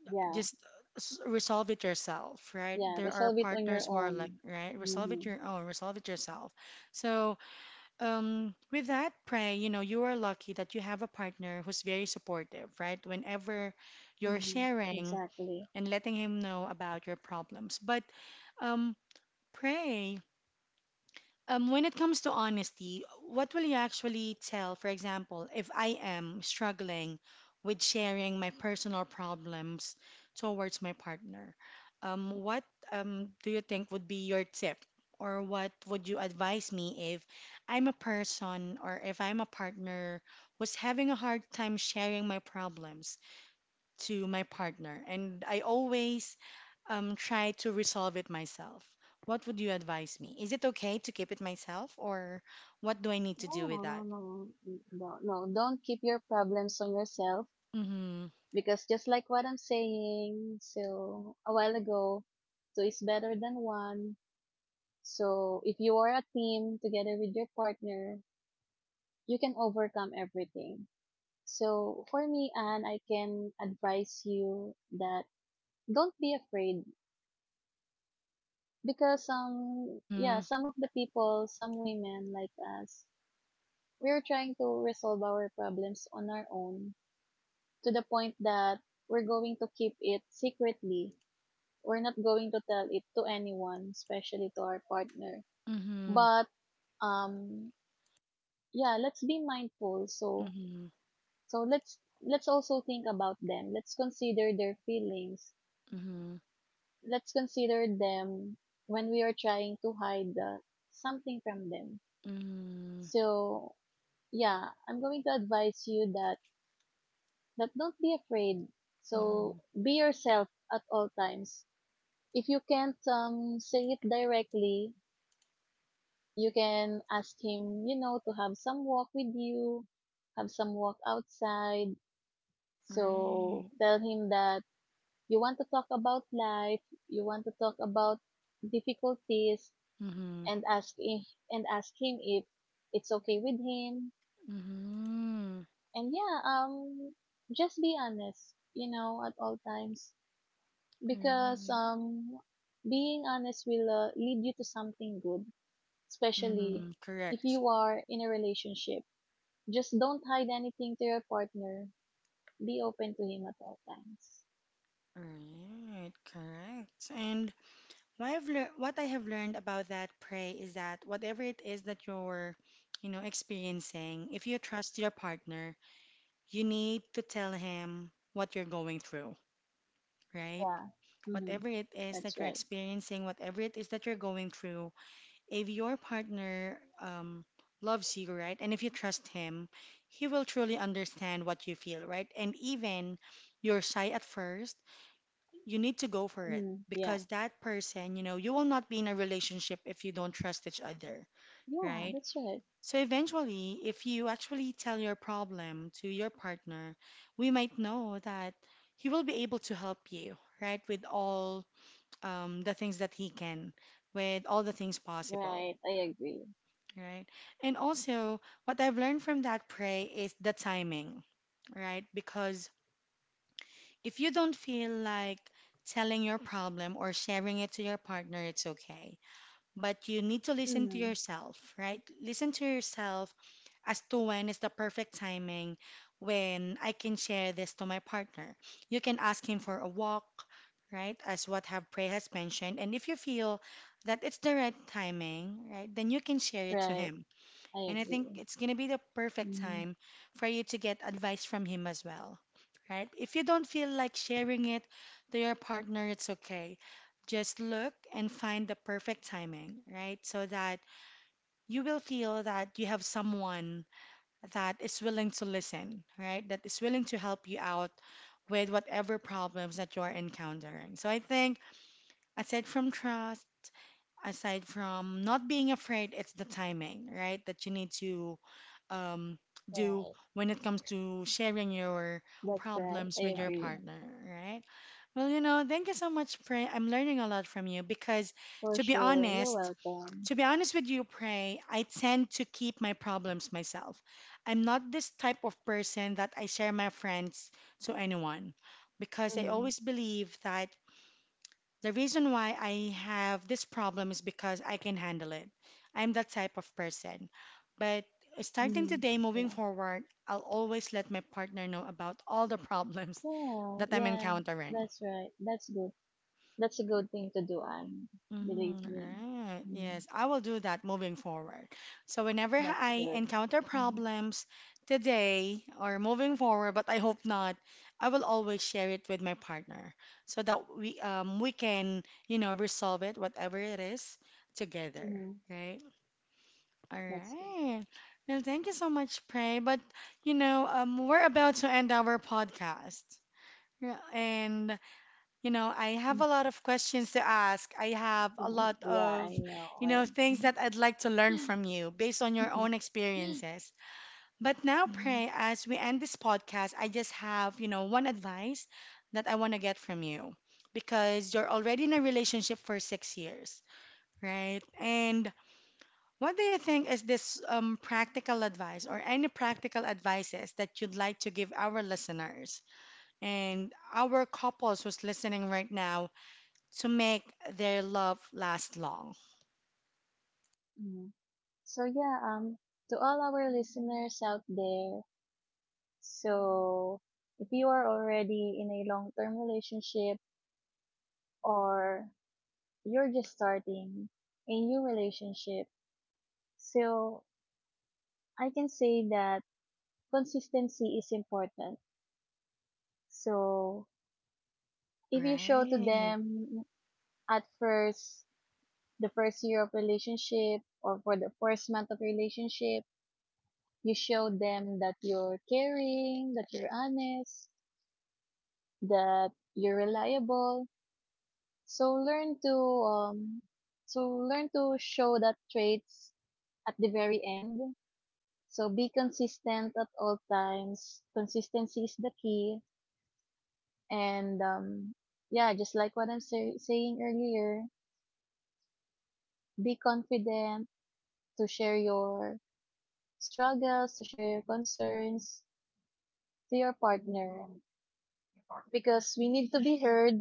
Yeah.
just resolve it yourself, right?
Yeah.
There are
Resolve it on your
partners who are like,
own.
right? Resolve
Mm-hmm.
it your own, resolve it yourself. So, with that, pray, you know, you are lucky that you have a partner who's very supportive, right? Whenever you're
Mm-hmm.
sharing
Exactly.
and letting him know about your problems. But, um, pray. When it comes to honesty, what will you actually tell, for example, if I am struggling with sharing my personal problems towards my partner? What do you think would be your tip? Or what would you advise me if I'm a person or if I'm a partner who's having a hard time sharing my problems to my partner, and I always try to resolve it myself. What would you advise me? Is it okay to keep it myself, or what do I need to do
No,
with
no, no,
that?
no, no. Don't keep your problems on yourself,
Mm-hmm.
because just like what I'm saying so a while ago, two is better than one. So if you are a team together with your partner, you can overcome everything. So for me, Anne, I can advise you that don't be afraid because yeah,
Mm-hmm.
some of the people, some women like us, we are trying to resolve our problems on our own to the point that we're going to keep it secretly, we're not going to tell it to anyone, especially to our partner.
Mm-hmm.
But um yeah, let's be mindful. So
Mm-hmm.
so let's also think about them. Let's consider their feelings.
Mm-hmm.
Let's consider them when we are trying to hide something from them.
Mm-hmm.
So yeah, I'm going to advise you that don't be afraid.
Mm-hmm.
So be yourself at all times. If you can't say it directly, you can ask him, you know, to have some walk with you, have some walk outside. So
Right.
tell him that you want to talk about life, you want to talk about difficulties,
Mm-hmm.
and ask i- and ask him if it's okay with him.
Mm-hmm.
And yeah, just be honest, you know, at all times
Right.
because being honest will lead you to something good, especially
Mm-hmm.
if
Correct.
you are in a relationship. Just don't hide anything to your partner. Be open to him at all times.
Right. Correct. And what I have learned about that, Pray, is that whatever it is that you're, you know, experiencing, if you trust your partner, you need to tell him what you're going through, right?
Yeah. Mm-hmm.
Whatever it is
That's
that you're
right.
experiencing, whatever it is that you're going through, if your partner loves you, right, and if you trust him, he will truly understand what you feel, right? And even you're shy at first, you need to go for it
Mm-hmm. Yeah.
because that person, you know, you will not be in a relationship if you don't trust each other,
Yeah,
right?
that's right.
So eventually, if you actually tell your problem to your partner, we might know that he will be able to help you, right? With all the things that he can, with all the things possible,
Right. I agree.
right? And also, what I've learned from that, pray, is the timing, right? Because if you don't feel like telling your problem or sharing it to your partner, it's okay. But you need to listen to
Mm-hmm.
yourself, right? Listen to yourself as to when is the perfect timing when I can share this to my partner. You can ask him for a walk, right? As what have Prey has mentioned. And if you feel that it's the right timing, right, then you can share it to
Right.
him,
I
and I think
agree.
it's going to be the perfect
Mm-hmm.
time for you to get advice from him as well, right? If you don't feel like sharing it to your partner, it's okay. Just look and find the perfect timing, right? So that you will feel that you have someone that is willing to listen, right? That is willing to help you out with whatever problems that you're encountering. So I think aside from trust, aside from not being afraid, it's the timing, right? That you need to um, do
Right.
when it comes to sharing your
That's right.
problems
I.
with
Yeah.
your
Agree.
partner, right? Well, you know, thank you so much, Pray. I'm learning a lot from you because,
For
to be
sure. You're
honest,
welcome.
to be honest with you, Pray, I tend to keep my problems myself. I'm not this type of person that I share my friends to anyone because I
Mm-hmm.
always believe that the reason why I have this problem is because I can handle it. I'm that type of person. But starting
Mm-hmm.
today, moving
Yeah.
forward, I'll always let my partner know about all the problems
Yeah.
that I'm
Yeah.
encountering.
That's right. That's good. That's a good thing to do, Anne. Believe
Mm,
me.
right.
Mm,
Yes, I will do that moving forward. So whenever
that's
I
good.
encounter
Mm,
problems today or moving forward, but I hope not, I will always share it with my partner so that we can, you know, resolve it, whatever it is, together,
yeah,
right? All
that's good.
right. Well, thank you so much, Pray. But you know, we're about to end our podcast. Yeah. And you know, I
Mm.
have a lot of questions to ask. I have a
Mm,
lot
yeah,
of,
I know.
you
I
know, things
know.
that I'd like to learn from you based on your own experiences. But now,
Mhm,
Pray, as we end this podcast, I just have, you know, one advice that I want to get from you because you're already in a relationship for 6 years, right? And what do you think is this practical advice or any practical advices that you'd like to give our listeners and our couples who's listening right now to make their love last long?
mhm. So yeah, to all our listeners out there, so if you are already in a long-term relationship or you're just starting a new relationship, so I can say that consistency is important. So if you show to
Right.
them at first, the first year of relationship or for the first month of relationship, you show them that you're caring, that you're honest, that you're reliable. So learn to um so learn to show that traits at the very end. So be consistent at all times. Consistency is the key. And yeah, just like what I'm saying earlier, be confident to share your struggles, to share your concerns to your partner because we need to be heard,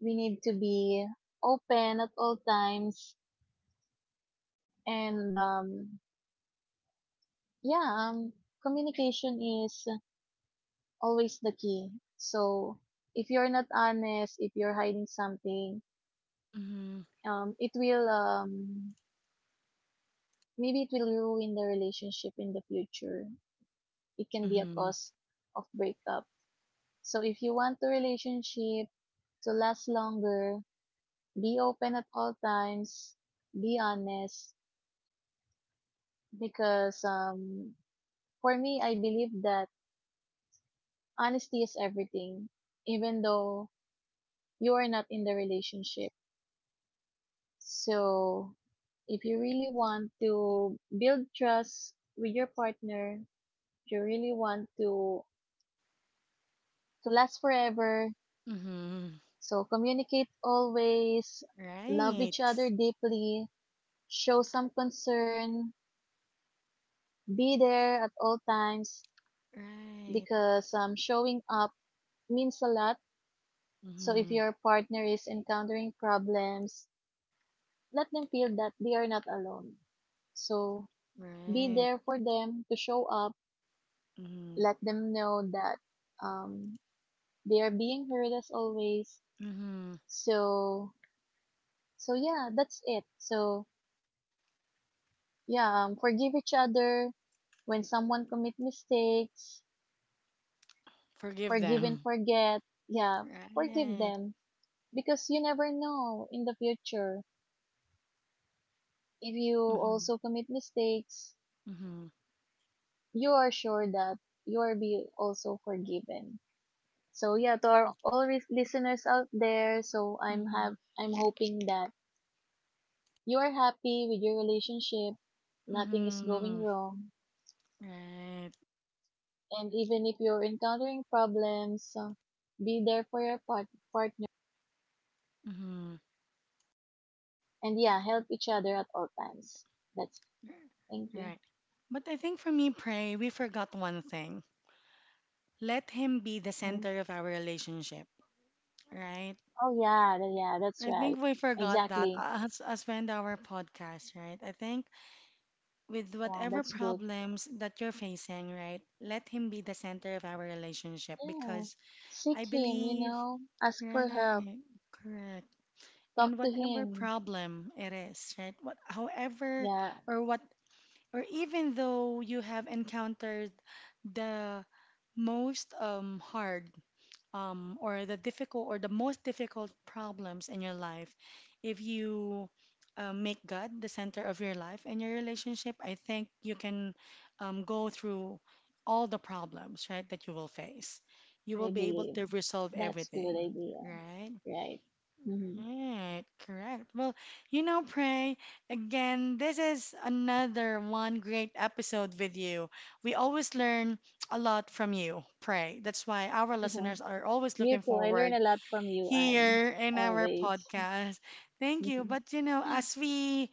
we need to be open at all times. And yeah, communication is always the key. So if you're not honest, if you're hiding something,
Mm-hmm.
it will, maybe it will ruin the relationship in the future. It can be a
Mm-hmm.
cause of breakup. So if you want the relationship to last longer, be open at all times, be honest because for me I believe that honesty is everything even though you are not in the relationship. So if you really want to build trust with your partner, if you really want to last forever,
Mm-hmm.
so communicate always, love
Right.
each other deeply, show some concern, be there at all times
Right.
because showing up means a lot. So if
Mm-hmm.
your partner is encountering problems, let them feel that they are not alone. So be
Right.
there for them, to show up.
Mm-hmm.
Let them know that um, they are being heard as always.
Mm-hmm.
So yeah, that's it. So yeah, forgive each other when someone commit mistakes.
Forgive
Forgive
them.
and forget. Yeah, forgive
Right.
them because you never know in the future if you
Mm-hmm.
also commit mistakes,
Mm-hmm.
you are sure that you are be also forgiven. So yeah, to our all listeners out there, so
Mm-hmm.
I'm hoping that you are happy with your relationship, nothing is
Mm-hmm.
going wrong,
Right.
and even if you're encountering problems, be there for your partner
Mm-hmm.
and yeah, help each other at all times. That's it. Thank you.
Right. But I think for me, pray, we forgot one thing. Let him be the center of our relationship, right?
Oh yeah, yeah, that's
I
right.
think we forgot that,
Exactly.
as we end our podcast, right? I think with
Yeah,
whatever
that's good.
problems that you're facing, right, let him be the center of our relationship
Yeah.
because I
Seek him, you
believe,
know. Ask for help.
right, correct. And
Talk to
whatever
him.
problem it is, right, what, however,
Yeah,
or what, or even though you have encountered the most hard or the difficult or the most difficult problems in your life, if you make God the center of your life and your relationship, I think you can go through all the problems, right, that you will face. You will
I
be able
believe.
to resolve
That's good
everything,
idea.
right?
Right. Mm-hmm.
Right, correct. Well, you know, Pray, again, this is another one great episode with you. We always learn a lot from you, Pray. That's why our listeners are always
You
looking
too. I learn a
forward
lot from you, Anne.
here in our
Always.
podcast. Thank you. But, you know, as we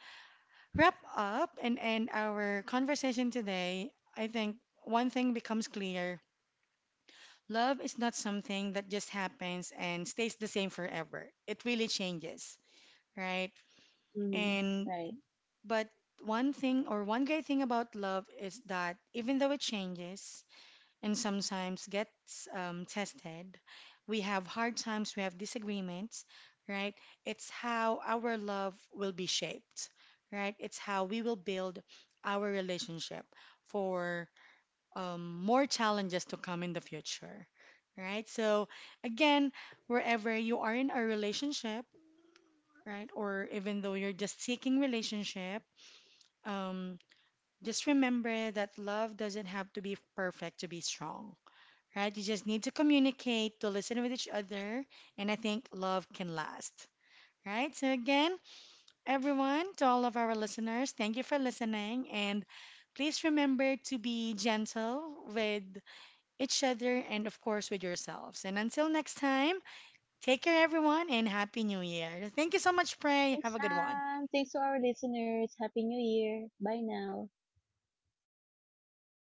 wrap up and end our conversation today, I think one thing becomes clear. Love is not something that just happens and stays the same forever. It really changes, right?
Mm.
And
Right.
but one thing or one great thing about love is that even though it changes and sometimes gets tested, we have hard times, we have disagreements, right? It's how our love will be shaped, right? It's how we will build our relationship for more challenges to come in the future, right? So again, wherever you are in a relationship, right, or even though you're just seeking relationship, um, just remember that love doesn't have to be perfect to be strong, right? You just need to communicate, to listen with each other, and I think love can last, right? So, again, everyone, to all of our listeners, thank you for listening. And please remember to be gentle with each other and, of course, with yourselves. And until next time, take care, everyone, and Happy New Year. Thank you so much, Pray. Have
Thanks,
a good one.
Anne. Thanks to our listeners. Happy New Year. Bye now.